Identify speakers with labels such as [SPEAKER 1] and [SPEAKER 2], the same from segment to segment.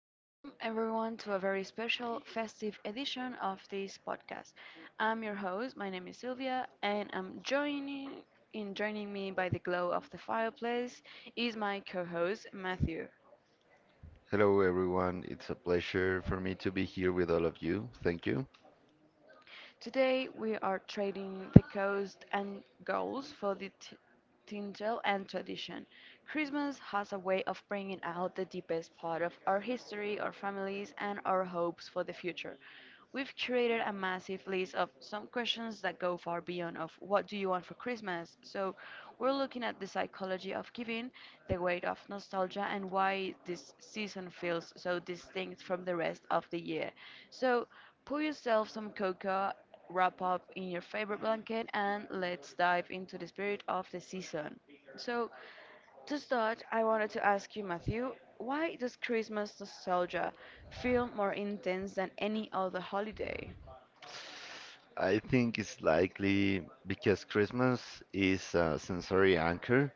[SPEAKER 1] Welcome everyone to a very special festive edition of this podcast. I'm your host, my name is Sylvia, and I'm joining in joining me by the glow of the fireplace is my co-host Matthew.
[SPEAKER 2] Hello, everyone. It's a pleasure for me to be here with all of you. Thank you.
[SPEAKER 1] Today we are trading the coast and goals for the tinsel and tradition. Christmas has a way of bringing out the deepest part of our history, our families, and our hopes for the future. We've curated a massive list of some questions that go far beyond of what do you want for Christmas? So we're looking at the psychology of giving, the weight of nostalgia, and why this season feels so distinct from the rest of the year. So Pour yourself some cocoa, wrap up in your favorite blanket, and let's dive into the spirit of the season. So, to start, I wanted to ask you, Matthew, why does Christmas nostalgia feel more intense than any other holiday?
[SPEAKER 2] I think it's likely because Christmas is a sensory anchor.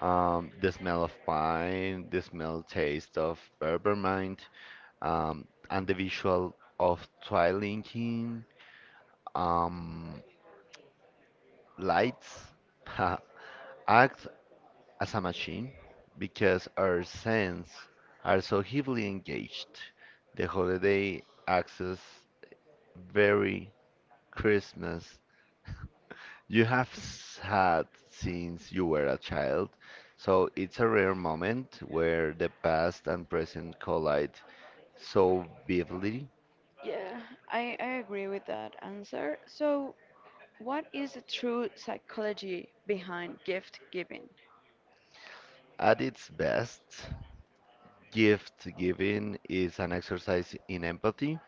[SPEAKER 2] The smell of pine, the smell taste of peppermint, um, and the visual of twinkling um, lights act as a machine because our senses are so heavily engaged. The holiday access. Very Christmas you have had since you were a child, so it's a rare moment where the past and present collide so vividly.
[SPEAKER 1] Yeah, I agree with that answer. So, what is the true psychology behind gift giving?
[SPEAKER 2] At its best, gift giving is an exercise in empathy.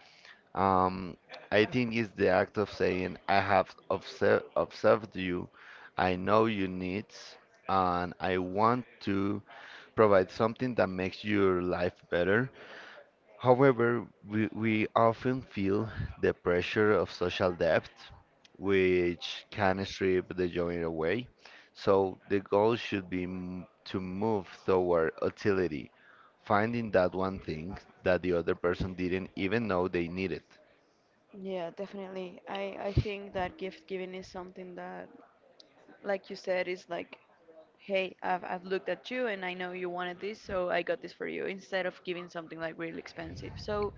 [SPEAKER 2] Um, I think it's the act of saying, I have observed you, I know your needs, and I want to provide something that makes your life better. However, we often feel the pressure of social debt, which can strip the joy away. So the goal should be to move toward utility, finding that one thing that the other person didn't even know they needed.
[SPEAKER 1] Yeah, definitely. I think that gift giving is something that, like you said, is like hey, I've looked at you and I know you wanted this, so I got this for you, instead of giving something like really expensive. So,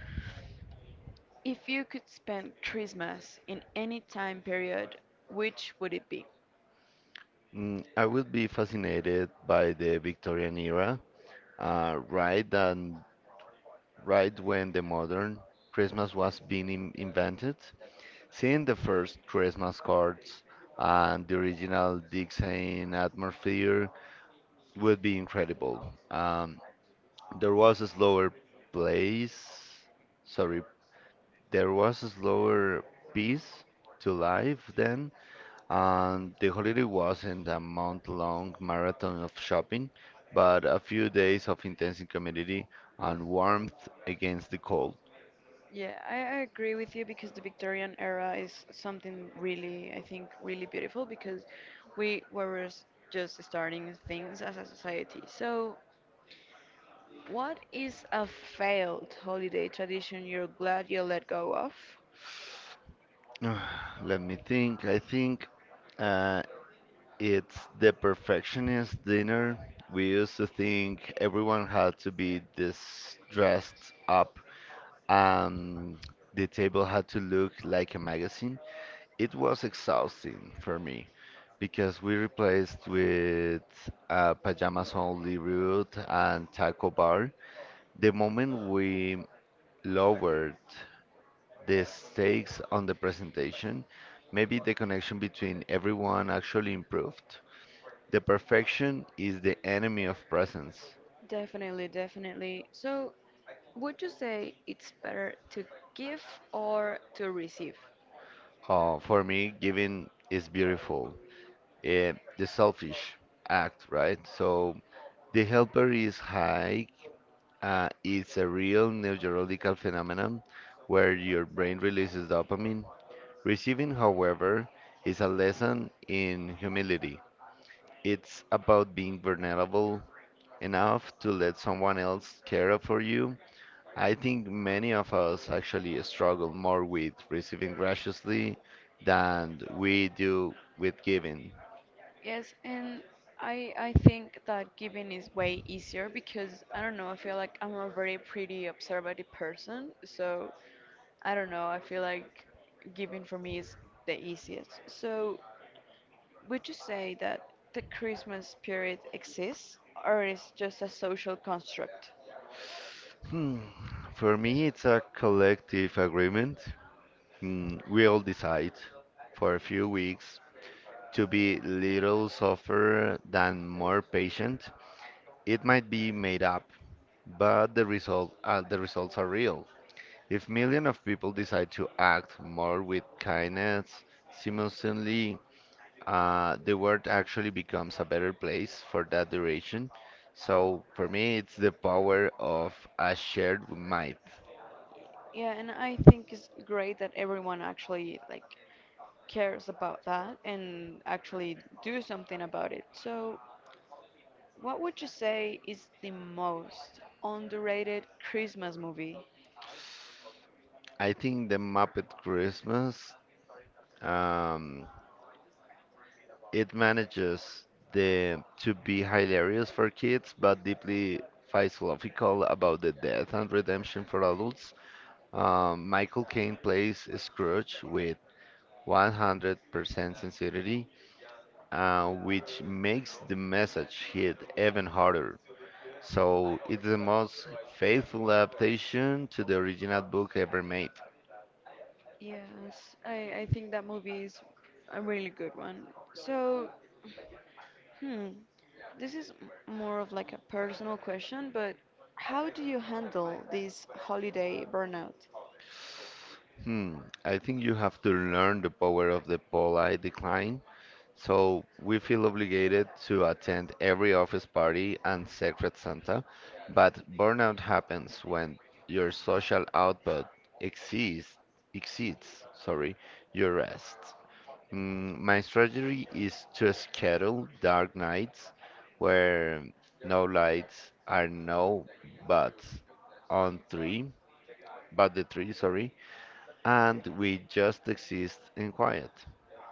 [SPEAKER 1] if you could spend Christmas in any time period, which would it be?
[SPEAKER 2] Mm, I would be fascinated by the Victorian era, uh, right and right when the modern Christmas was being invented. Seeing the first Christmas cards and the original Dixieland atmosphere would be incredible. Um, there was a slower place, sorry, there was a slower pace to life then, and the holiday wasn't a month-long marathon of shopping, but a few days of intense community and warmth against the cold.
[SPEAKER 1] Yeah, I agree with you because the Victorian era is something really, I think, really beautiful because we were s- just starting things as a society. So, what is a failed holiday tradition you're glad you let go of?
[SPEAKER 2] Let me think. I think. Uh, It's the perfectionist dinner. We used to think everyone had to be this dressed up. Um, the table had to look like a magazine. It was exhausting for me because we replaced with pajamas only route and taco bar. The moment we lowered the stakes on the presentation, maybe the connection between everyone actually improved the perfection is the enemy of presence.
[SPEAKER 1] Definitely, definitely. So, would you say it's better to give or to receive?
[SPEAKER 2] For me, giving is beautiful. Eh, the selfish act, right? So the helper is high. It's a real neurological phenomenon where your brain releases dopamine. Receiving, however, is a lesson in humility. It's about being vulnerable enough to let someone else care for you. I think many of us actually struggle more with receiving graciously than we do with giving.
[SPEAKER 1] Yes, and I think that giving is way easier because I don't know, I feel like I'm a very pretty observative person, so I don't know, I feel like giving for me is the easiest. So, would you say that the Christmas spirit exists or is just a social construct?
[SPEAKER 2] Hmm. For me, it's a collective agreement. We all decide for a few weeks to be little softer than more patient. It might be made up, but the results are real. If millions of people decide to act more with kindness simultaneously, the world actually becomes a better place for that duration. So for me, it's the power of a shared might.
[SPEAKER 1] Yeah, and I think it's great that everyone actually like cares about that and actually do something about it. So, what would you say is the most underrated Christmas movie?
[SPEAKER 2] I think the Muppet Christmas, um, it manages the to be hilarious for kids, but deeply philosophical about the death and redemption for adults. Michael Caine plays Scrooge with 100% sincerity, which makes the message hit even harder. So it's the most faithful adaptation to the original book ever made.
[SPEAKER 1] Yes, I think that movie is a really good one. So, hmm, this is more of like a personal question, but how do you handle this holiday burnout?
[SPEAKER 2] Hmm, I think you have to learn the power of the polite decline. So we feel obligated to attend every office party and Secret Santa, but burnout happens when your social output exceeds exceeds your rest. Mm, my strategy is to schedule dark nights where no lights are no buts on three, but the tree, sorry, and we just exist in quiet.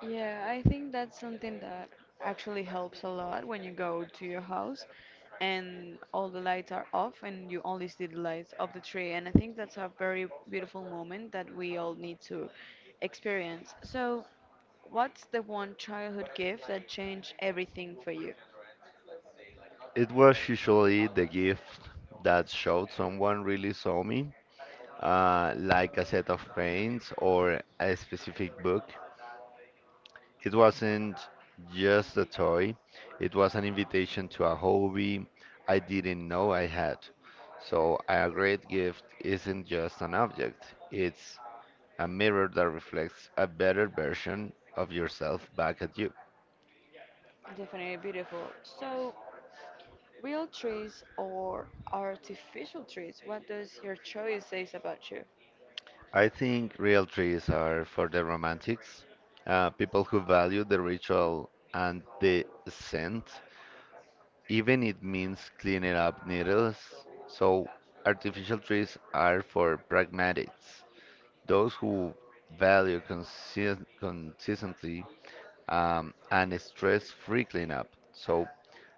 [SPEAKER 1] Yeah, I think that's something that actually helps a lot when you go to your house and all the lights are off and you only see the lights of the tree. And I think that's a very beautiful moment that we all need to experience. So, what's the one childhood gift that changed everything for you?
[SPEAKER 2] It was usually the gift that showed someone really saw me, like a set of paints or a specific book. It wasn't just a toy, it was an invitation to a hobby I didn't know I had. So, a great gift isn't just an object, it's a mirror that reflects a better version of yourself back at you.
[SPEAKER 1] Definitely beautiful. So, real trees or artificial trees, what does your choice say about you?
[SPEAKER 2] I think real trees are for the romantics, people who value the ritual and the scent, even it means cleaning up needles. So, artificial trees are for pragmatics. Those who value consistently and stress-free cleanup. So,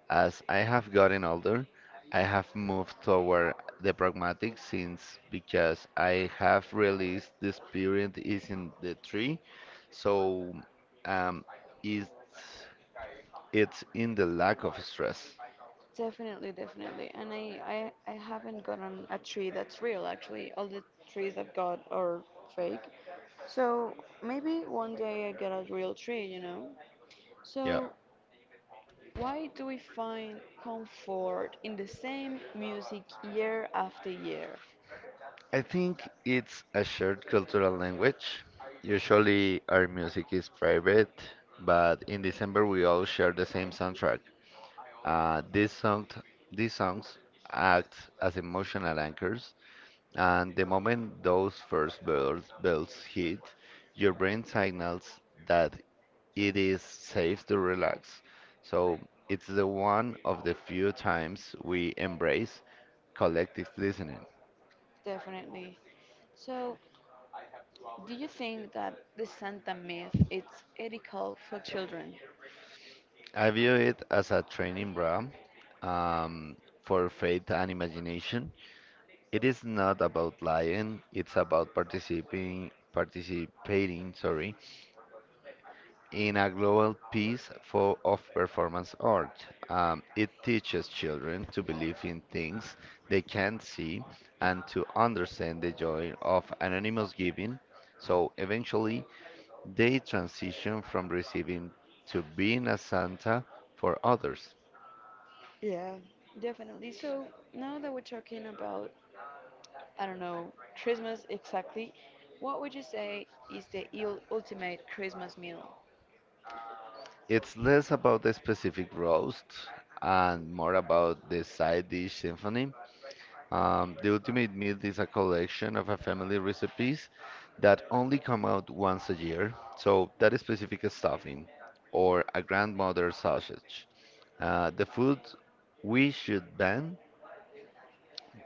[SPEAKER 2] as I have gotten older, I have moved toward the pragmatic since because I have realized the spirit is in the tree, so um, it's it's in the lack of stress.
[SPEAKER 1] Definitely, definitely. And I haven't gotten a tree that's real, actually. All the trees I've got are fake. So maybe one day I get a real tree, you know?
[SPEAKER 2] Yeah.
[SPEAKER 1] So why do we find comfort in the same music year after year?
[SPEAKER 2] I think it's a shared cultural language. Usually our music is private, but in December we all share the same soundtrack. Uh, these songs, these songs act as emotional anchors, and the moment those first bells hit, your brain signals that it is safe to relax. So it's the one of the few times we embrace collective listening.
[SPEAKER 1] Definitely. So do you think that the Santa myth is ethical for children?
[SPEAKER 2] I view it as a training bra um, for faith and imagination. It is not about lying, it's about participating, sorry, in a global piece for of performance art. It teaches children to believe in things they can't see and to understand the joy of anonymous giving. So eventually they transition from receiving to being a Santa for others.
[SPEAKER 1] Yeah, definitely. So now that we're talking about I don't know, Christmas exactly, what would you say is the il ultimate Christmas meal?
[SPEAKER 2] It's less about the specific roast and more about the side dish symphony. The Ultimate Meal is a collection of a family recipes that only come out once a year. So that is specific stuffing or a grandmother sausage. The food we should ban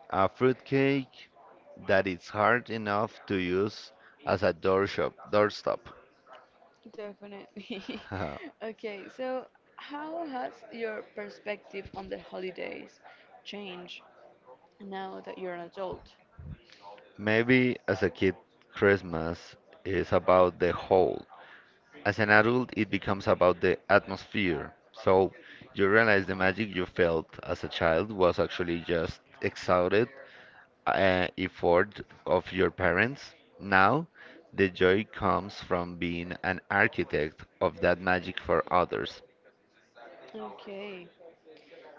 [SPEAKER 2] a fruitcake that is hard enough to use as a doorstop.
[SPEAKER 1] Definitely. Okay, so how has your perspective on the holidays changed now that you're an adult?
[SPEAKER 2] Maybe as a kid, Christmas is about the whole. As an adult, it becomes about the atmosphere. So you realize the magic you felt as a child was actually just exhausted effort of your parents. Now, the joy comes from being an architect of that magic for others.
[SPEAKER 1] Okay,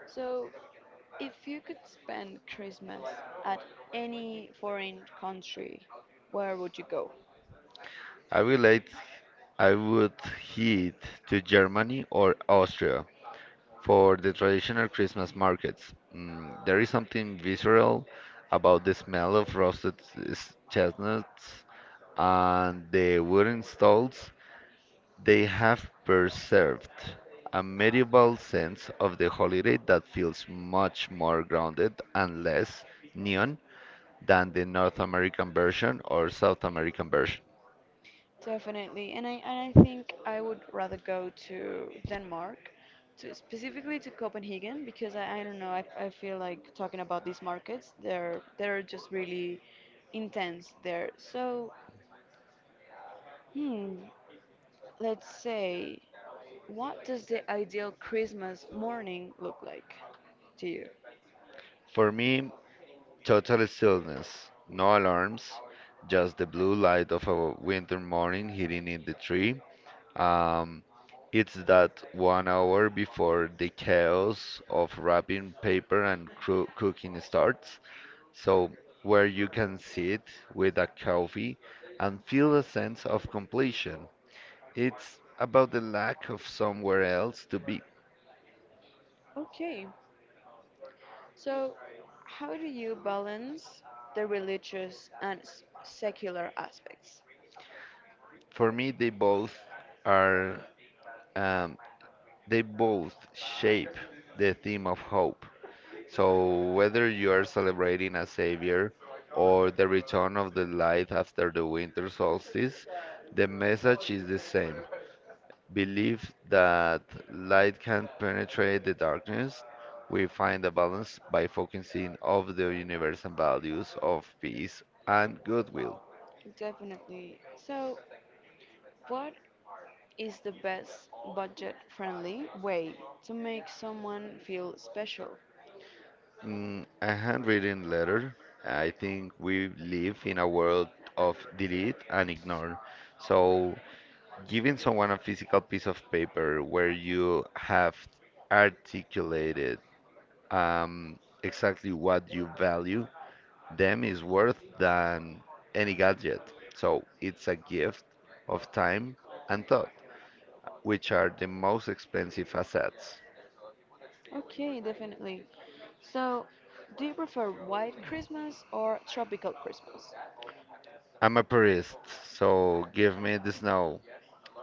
[SPEAKER 1] so if you could spend Christmas at any foreign country, where would you go?
[SPEAKER 2] I relate, I would head to Germany or Austria for the traditional Christmas markets. Mm, there is something visceral about the smell of roasted chestnuts and the wooden stalls, they have preserved a medieval sense of the holiday that feels much more grounded and less neon than the North American version or South American version.
[SPEAKER 1] Definitely, and I think I would rather go to Denmark, to specifically to Copenhagen because I don't know I feel like talking about these markets they're just really intense there. So hmm, let's say what does the ideal Christmas morning look like to you?
[SPEAKER 2] For me, total stillness, no alarms, just the blue light of a winter morning hitting in the tree. Um, it's that 1 hour before the chaos of wrapping paper and cooking starts. So, where you can sit with a coffee and feel a sense of completion. It's about the lack of somewhere else to be.
[SPEAKER 1] Okay, so how do you balance the religious and secular aspects?
[SPEAKER 2] For me, they both are, um, they both shape the theme of hope. So, whether you are celebrating a savior or the return of the light after the winter solstice, the message is the same. Believe that light can penetrate the darkness, we find a balance by focusing on the universal values of peace and goodwill.
[SPEAKER 1] Definitely. So, what is the best budget friendly way to make someone feel special.
[SPEAKER 2] Mm, a handwritten letter. I think we live in a world of delete and ignore. So, giving someone a physical piece of paper where you have articulated um, exactly what you value them is worth than any gadget. So it's a gift of time and thought, which are the most expensive assets.
[SPEAKER 1] Okay, definitely. So, do you prefer white Christmas or tropical Christmas?
[SPEAKER 2] I'm a purist, so give me the snow.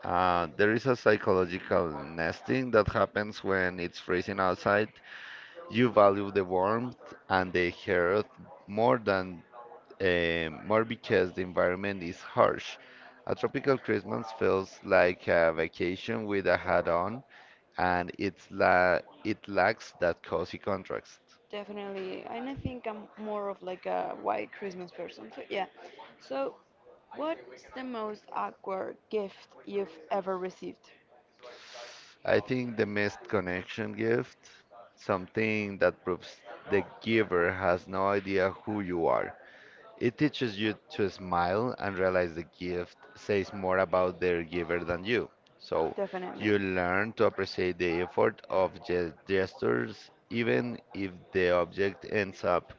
[SPEAKER 2] There is a psychological nesting that happens when it's freezing outside. You value the warmth and the hearth more than more because the environment is harsh. A tropical Christmas feels like a vacation with a hat on, and it lacks that cozy contrast.
[SPEAKER 1] Definitely. And I think I'm more of like a white Christmas person. So, yeah. So, what's the most awkward gift you've ever received?
[SPEAKER 2] I think the missed connection gift, something that proves the giver has no idea who you are. It teaches you to smile and realize the gift says more about their giver than you. So
[SPEAKER 1] Definitely.
[SPEAKER 2] you learn to appreciate the effort of gestures, even if the object ends up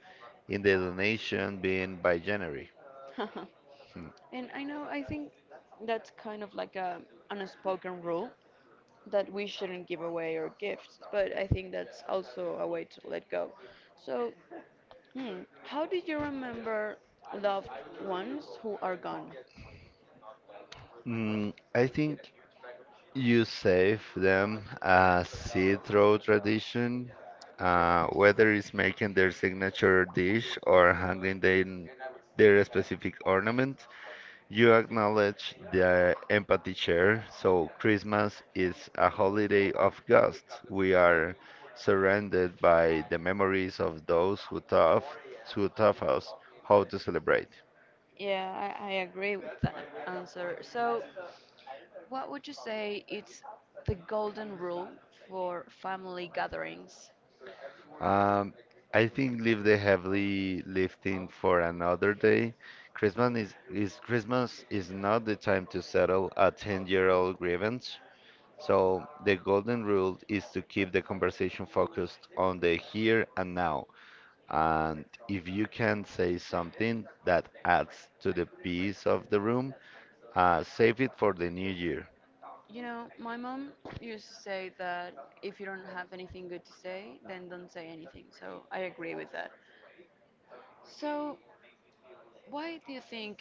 [SPEAKER 2] in the donation being by January. Hmm.
[SPEAKER 1] And I know, I think that's kind of like a an unspoken rule, that we shouldn't give away our gifts, but I think that's also a way to let go. So, how do you remember loved ones who are gone?
[SPEAKER 2] Mm, I think you save them a seed through tradition, whether it's making their signature dish or hanging their specific ornament. You acknowledge the empathy share. So Christmas is a holiday of ghosts. We are surrounded by the memories of who taught us how to celebrate.
[SPEAKER 1] Yeah, I agree with that answer. So, what would you say it's the golden rule for family gatherings?
[SPEAKER 2] Um, I think leave the heavy lifting for another day. Christmas is not the time to settle a 10-year-old grievance. So the golden rule is to keep the conversation focused on the here and now. And if you can say something that adds to the peace of the room, save it for the new year.
[SPEAKER 1] You know, my mom used to say that if you don't have anything good to say, then don't say anything. So I agree with that. So, why do you think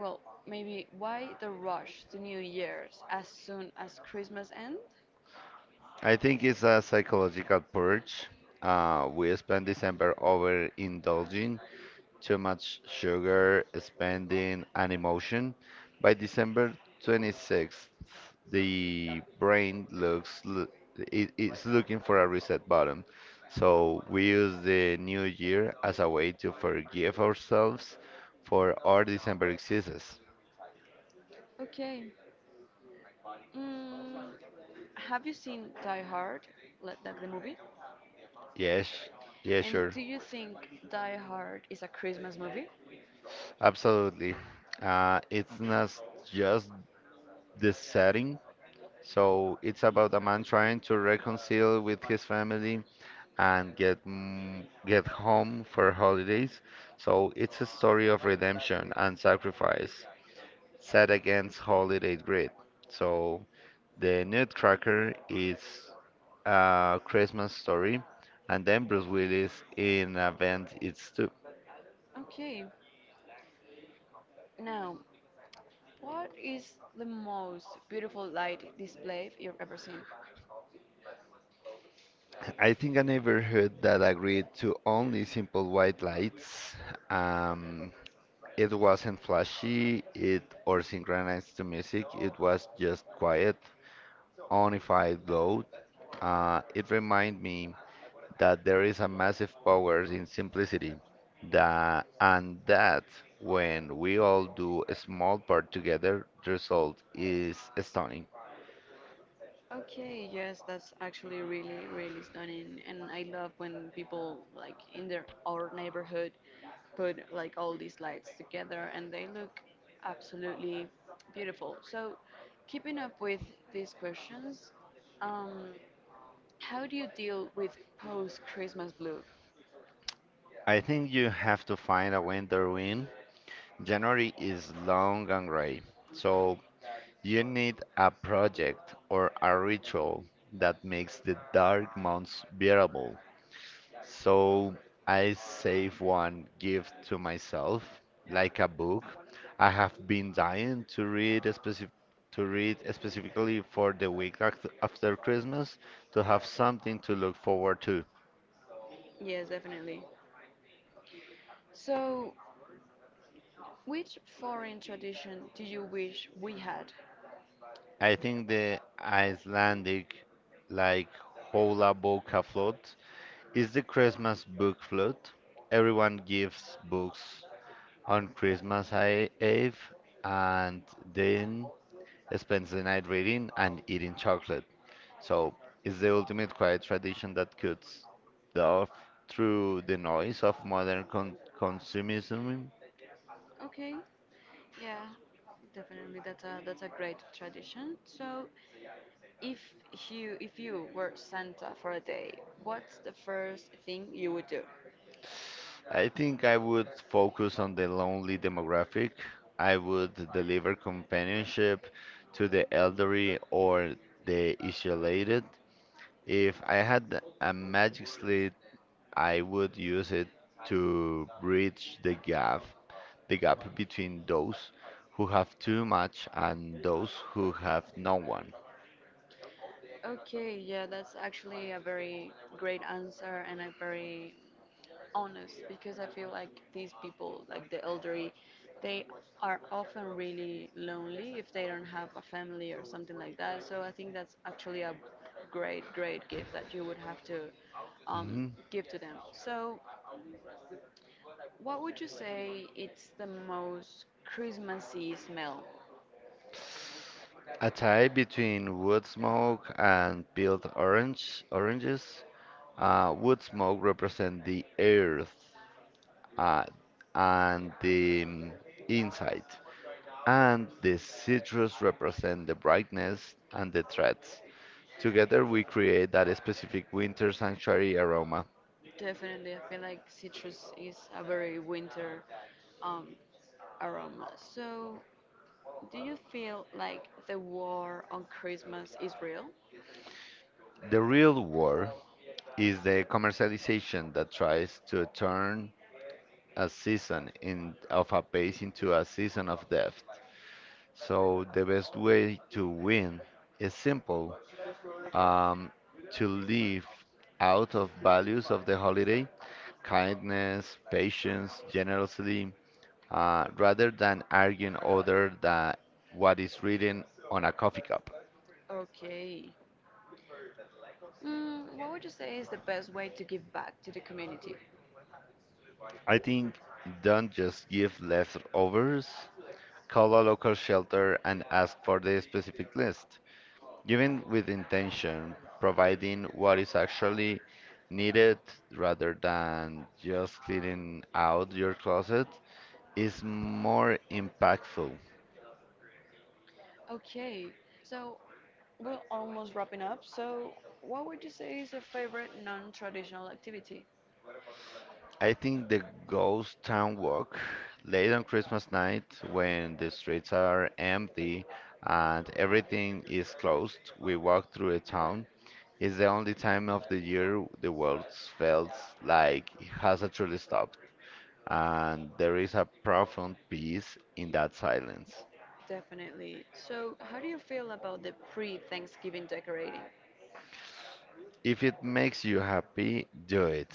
[SPEAKER 1] Well, maybe why the rush to New Year's as soon as Christmas ends?
[SPEAKER 2] I think it's a psychological purge. We spend December overindulging too much sugar, spending, and emotion. By December 26th, the brain it's looking for a reset button. So we use the new year as a way to forgive ourselves for our December excuses.
[SPEAKER 1] Okay. Mm, have you seen Die Hard, like the movie?
[SPEAKER 2] Yes, yeah,
[SPEAKER 1] And
[SPEAKER 2] sure,
[SPEAKER 1] do you think Die Hard is a Christmas movie?
[SPEAKER 2] absolutely. It's not just the setting. So it's about a man trying to reconcile with his family and get home for holidays. So it's a story of redemption and sacrifice set against holiday greed. So the Nutcracker is a Christmas story, and then Bruce Willis in Event It's Two.
[SPEAKER 1] Okay. Now, what is the most beautiful light display you've ever seen?
[SPEAKER 2] I think I never heard that agreed to only simple white lights. Um, it wasn't flashy, it or synchronized to music. It was just quiet, unified glow. It reminded me that there is a massive power in simplicity, that when we all do a small part together, the result is stunning.
[SPEAKER 1] Okay, yes, that's actually really, really stunning. And I love when people, like in their our neighborhood, put like all these lights together and they look absolutely beautiful. So, keeping up with these questions, um, how do you deal with post-Christmas blue?
[SPEAKER 2] I think you have to find a winter win. January is long and gray, so you need a project or a ritual that makes the dark months bearable. So I save one gift to myself, like a book. I have been dying to read a specific to read specifically for the week after Christmas to have something to look forward to.
[SPEAKER 1] Yes, definitely. So, which foreign tradition do you wish we had?
[SPEAKER 2] I think the Icelandic like Hola Boka Float is the Christmas book float. Everyone gives books on Eve and then spends the night reading and eating chocolate. So it's the ultimate quiet tradition that cuts the off through the noise of modern consumerism.
[SPEAKER 1] Okay, yeah, definitely. That's a great tradition. So, if you were Santa for a day, what's the first thing you would do?
[SPEAKER 2] I think I would focus on the lonely demographic. I would deliver companionship to the elderly or the isolated. If I had a magic I would use it to bridge the gap between those who have too much and those who have no one.
[SPEAKER 1] Okay, yeah, that's actually a very great answer and a very honest because I feel like these people, like the elderly, they are often really lonely if they don't have a family or something like that. So I think that's actually a great, great gift that you would have to um,
[SPEAKER 2] Mhm.
[SPEAKER 1] give to them. So, what would you say it's the most Christmassy smell?
[SPEAKER 2] A tie between wood smoke and peeled oranges. Wood smoke represent the earth, uh, and the inside, and the citrus represent the brightness and the threats. Together we create that specific winter sanctuary aroma.
[SPEAKER 1] Definitely, I feel like citrus is a very winter um, aroma. So, do you feel like the war on Christmas is real?
[SPEAKER 2] The real war is the commercialization that tries to turn a season of a pace into a season of death. So the best way to win is simple: um, to live out of values of the holiday, kindness, patience, generosity, rather than arguing other than what is written on a coffee cup.
[SPEAKER 1] Okay. Mm, what would you say is the best way to give back to the community?
[SPEAKER 2] I think don't just give leftovers. Call a local shelter and ask for the specific list, giving with intention, providing what is actually needed rather than just clearing out your closet is more impactful.
[SPEAKER 1] Okay, so we're almost wrapping up. So, what would you say is your favorite non traditional activity?
[SPEAKER 2] I think the ghost town walk late on Christmas night when the streets are empty and everything is closed, we walk through a town. It's the only time of the year the world feels like it has actually stopped, and there is a profound peace in that silence.
[SPEAKER 1] Definitely. So, how do you feel about the pre Thanksgiving decorating?
[SPEAKER 2] If it makes you happy, do it.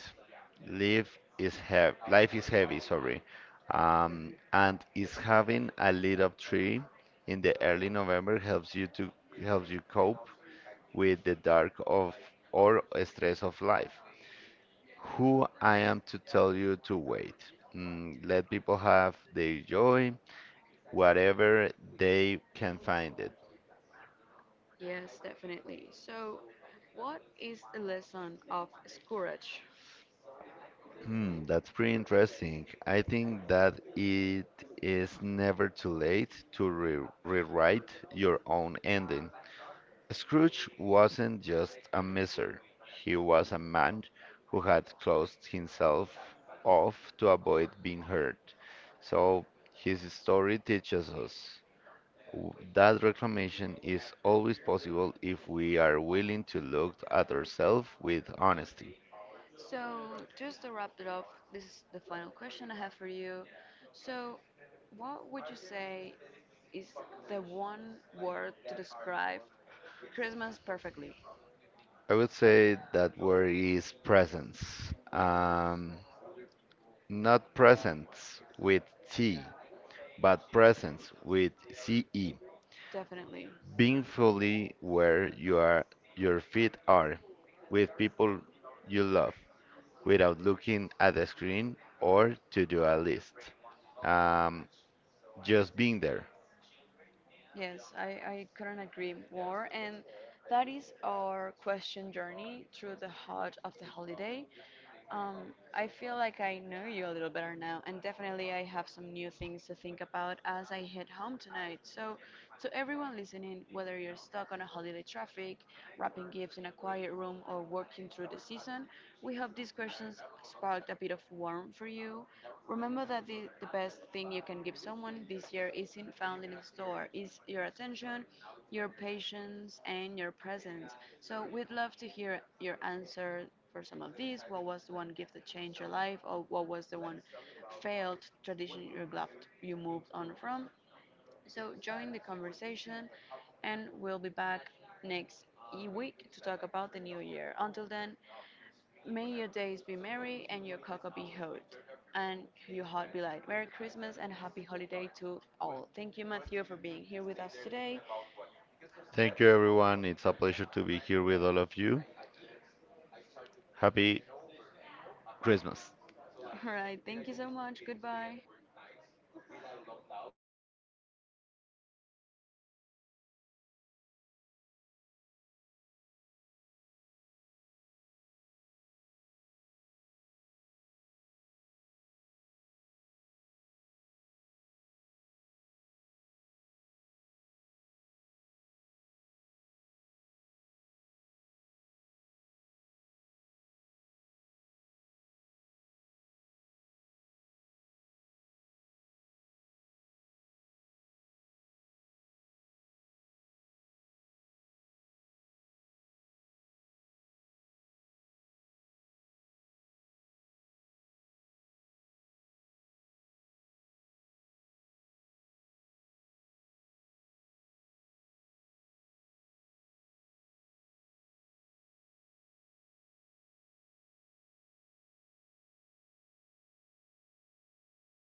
[SPEAKER 2] Life is heavy, sorry. And is having a lit up tree in the early November helps you cope with the dark of or stress of life. Who I am to tell you to wait. Let people have their joy, whatever they can find it.
[SPEAKER 1] Yes, definitely. So, what is the lesson of courage?
[SPEAKER 2] Hmm, that's pretty interesting. I think that it is never too late to re rewrite your own ending. Scrooge wasn't just a miser, he was a man who had closed himself off to avoid being hurt. So his story teaches us that reclamation is always possible if we are willing to look at ourselves with honesty.
[SPEAKER 1] So, just to wrap it up, this is the final question I have for you. So, what would you say is the one word to describe Christmas perfectly?
[SPEAKER 2] I would say that word is presence. Not presence with T, but presence with CE.
[SPEAKER 1] Definitely.
[SPEAKER 2] Being fully where you are, your feet are, with people you love, without looking at the screen or to do a list. Um, just being there.
[SPEAKER 1] Yes, I couldn't agree more. And that is our question journey through the heart of the holiday. I feel like I know you a little better now, and definitely I have some new things to think about as I head home tonight. So, to everyone listening, whether you're stuck on a holiday traffic, wrapping gifts in a quiet room, or working through the season, we hope these questions sparked a bit of warmth for you. Remember that the best thing you can give someone this year isn't found in a store, is your attention, your patience, and your presence. So, we'd love to hear your answer for some of these. What was the one gift that changed your life, or what was the one failed tradition you left, you moved on from? So join the conversation, and we'll be back next week to talk about the new year. Until then, may your days be merry and your cocoa be hot, and your heart be light. Merry Christmas and happy holiday to all. Thank you, Matthew, for being here with us today.
[SPEAKER 2] Thank you, everyone. It's a pleasure to be here with all of you. Happy Christmas.
[SPEAKER 1] All right, thank you so much. Goodbye.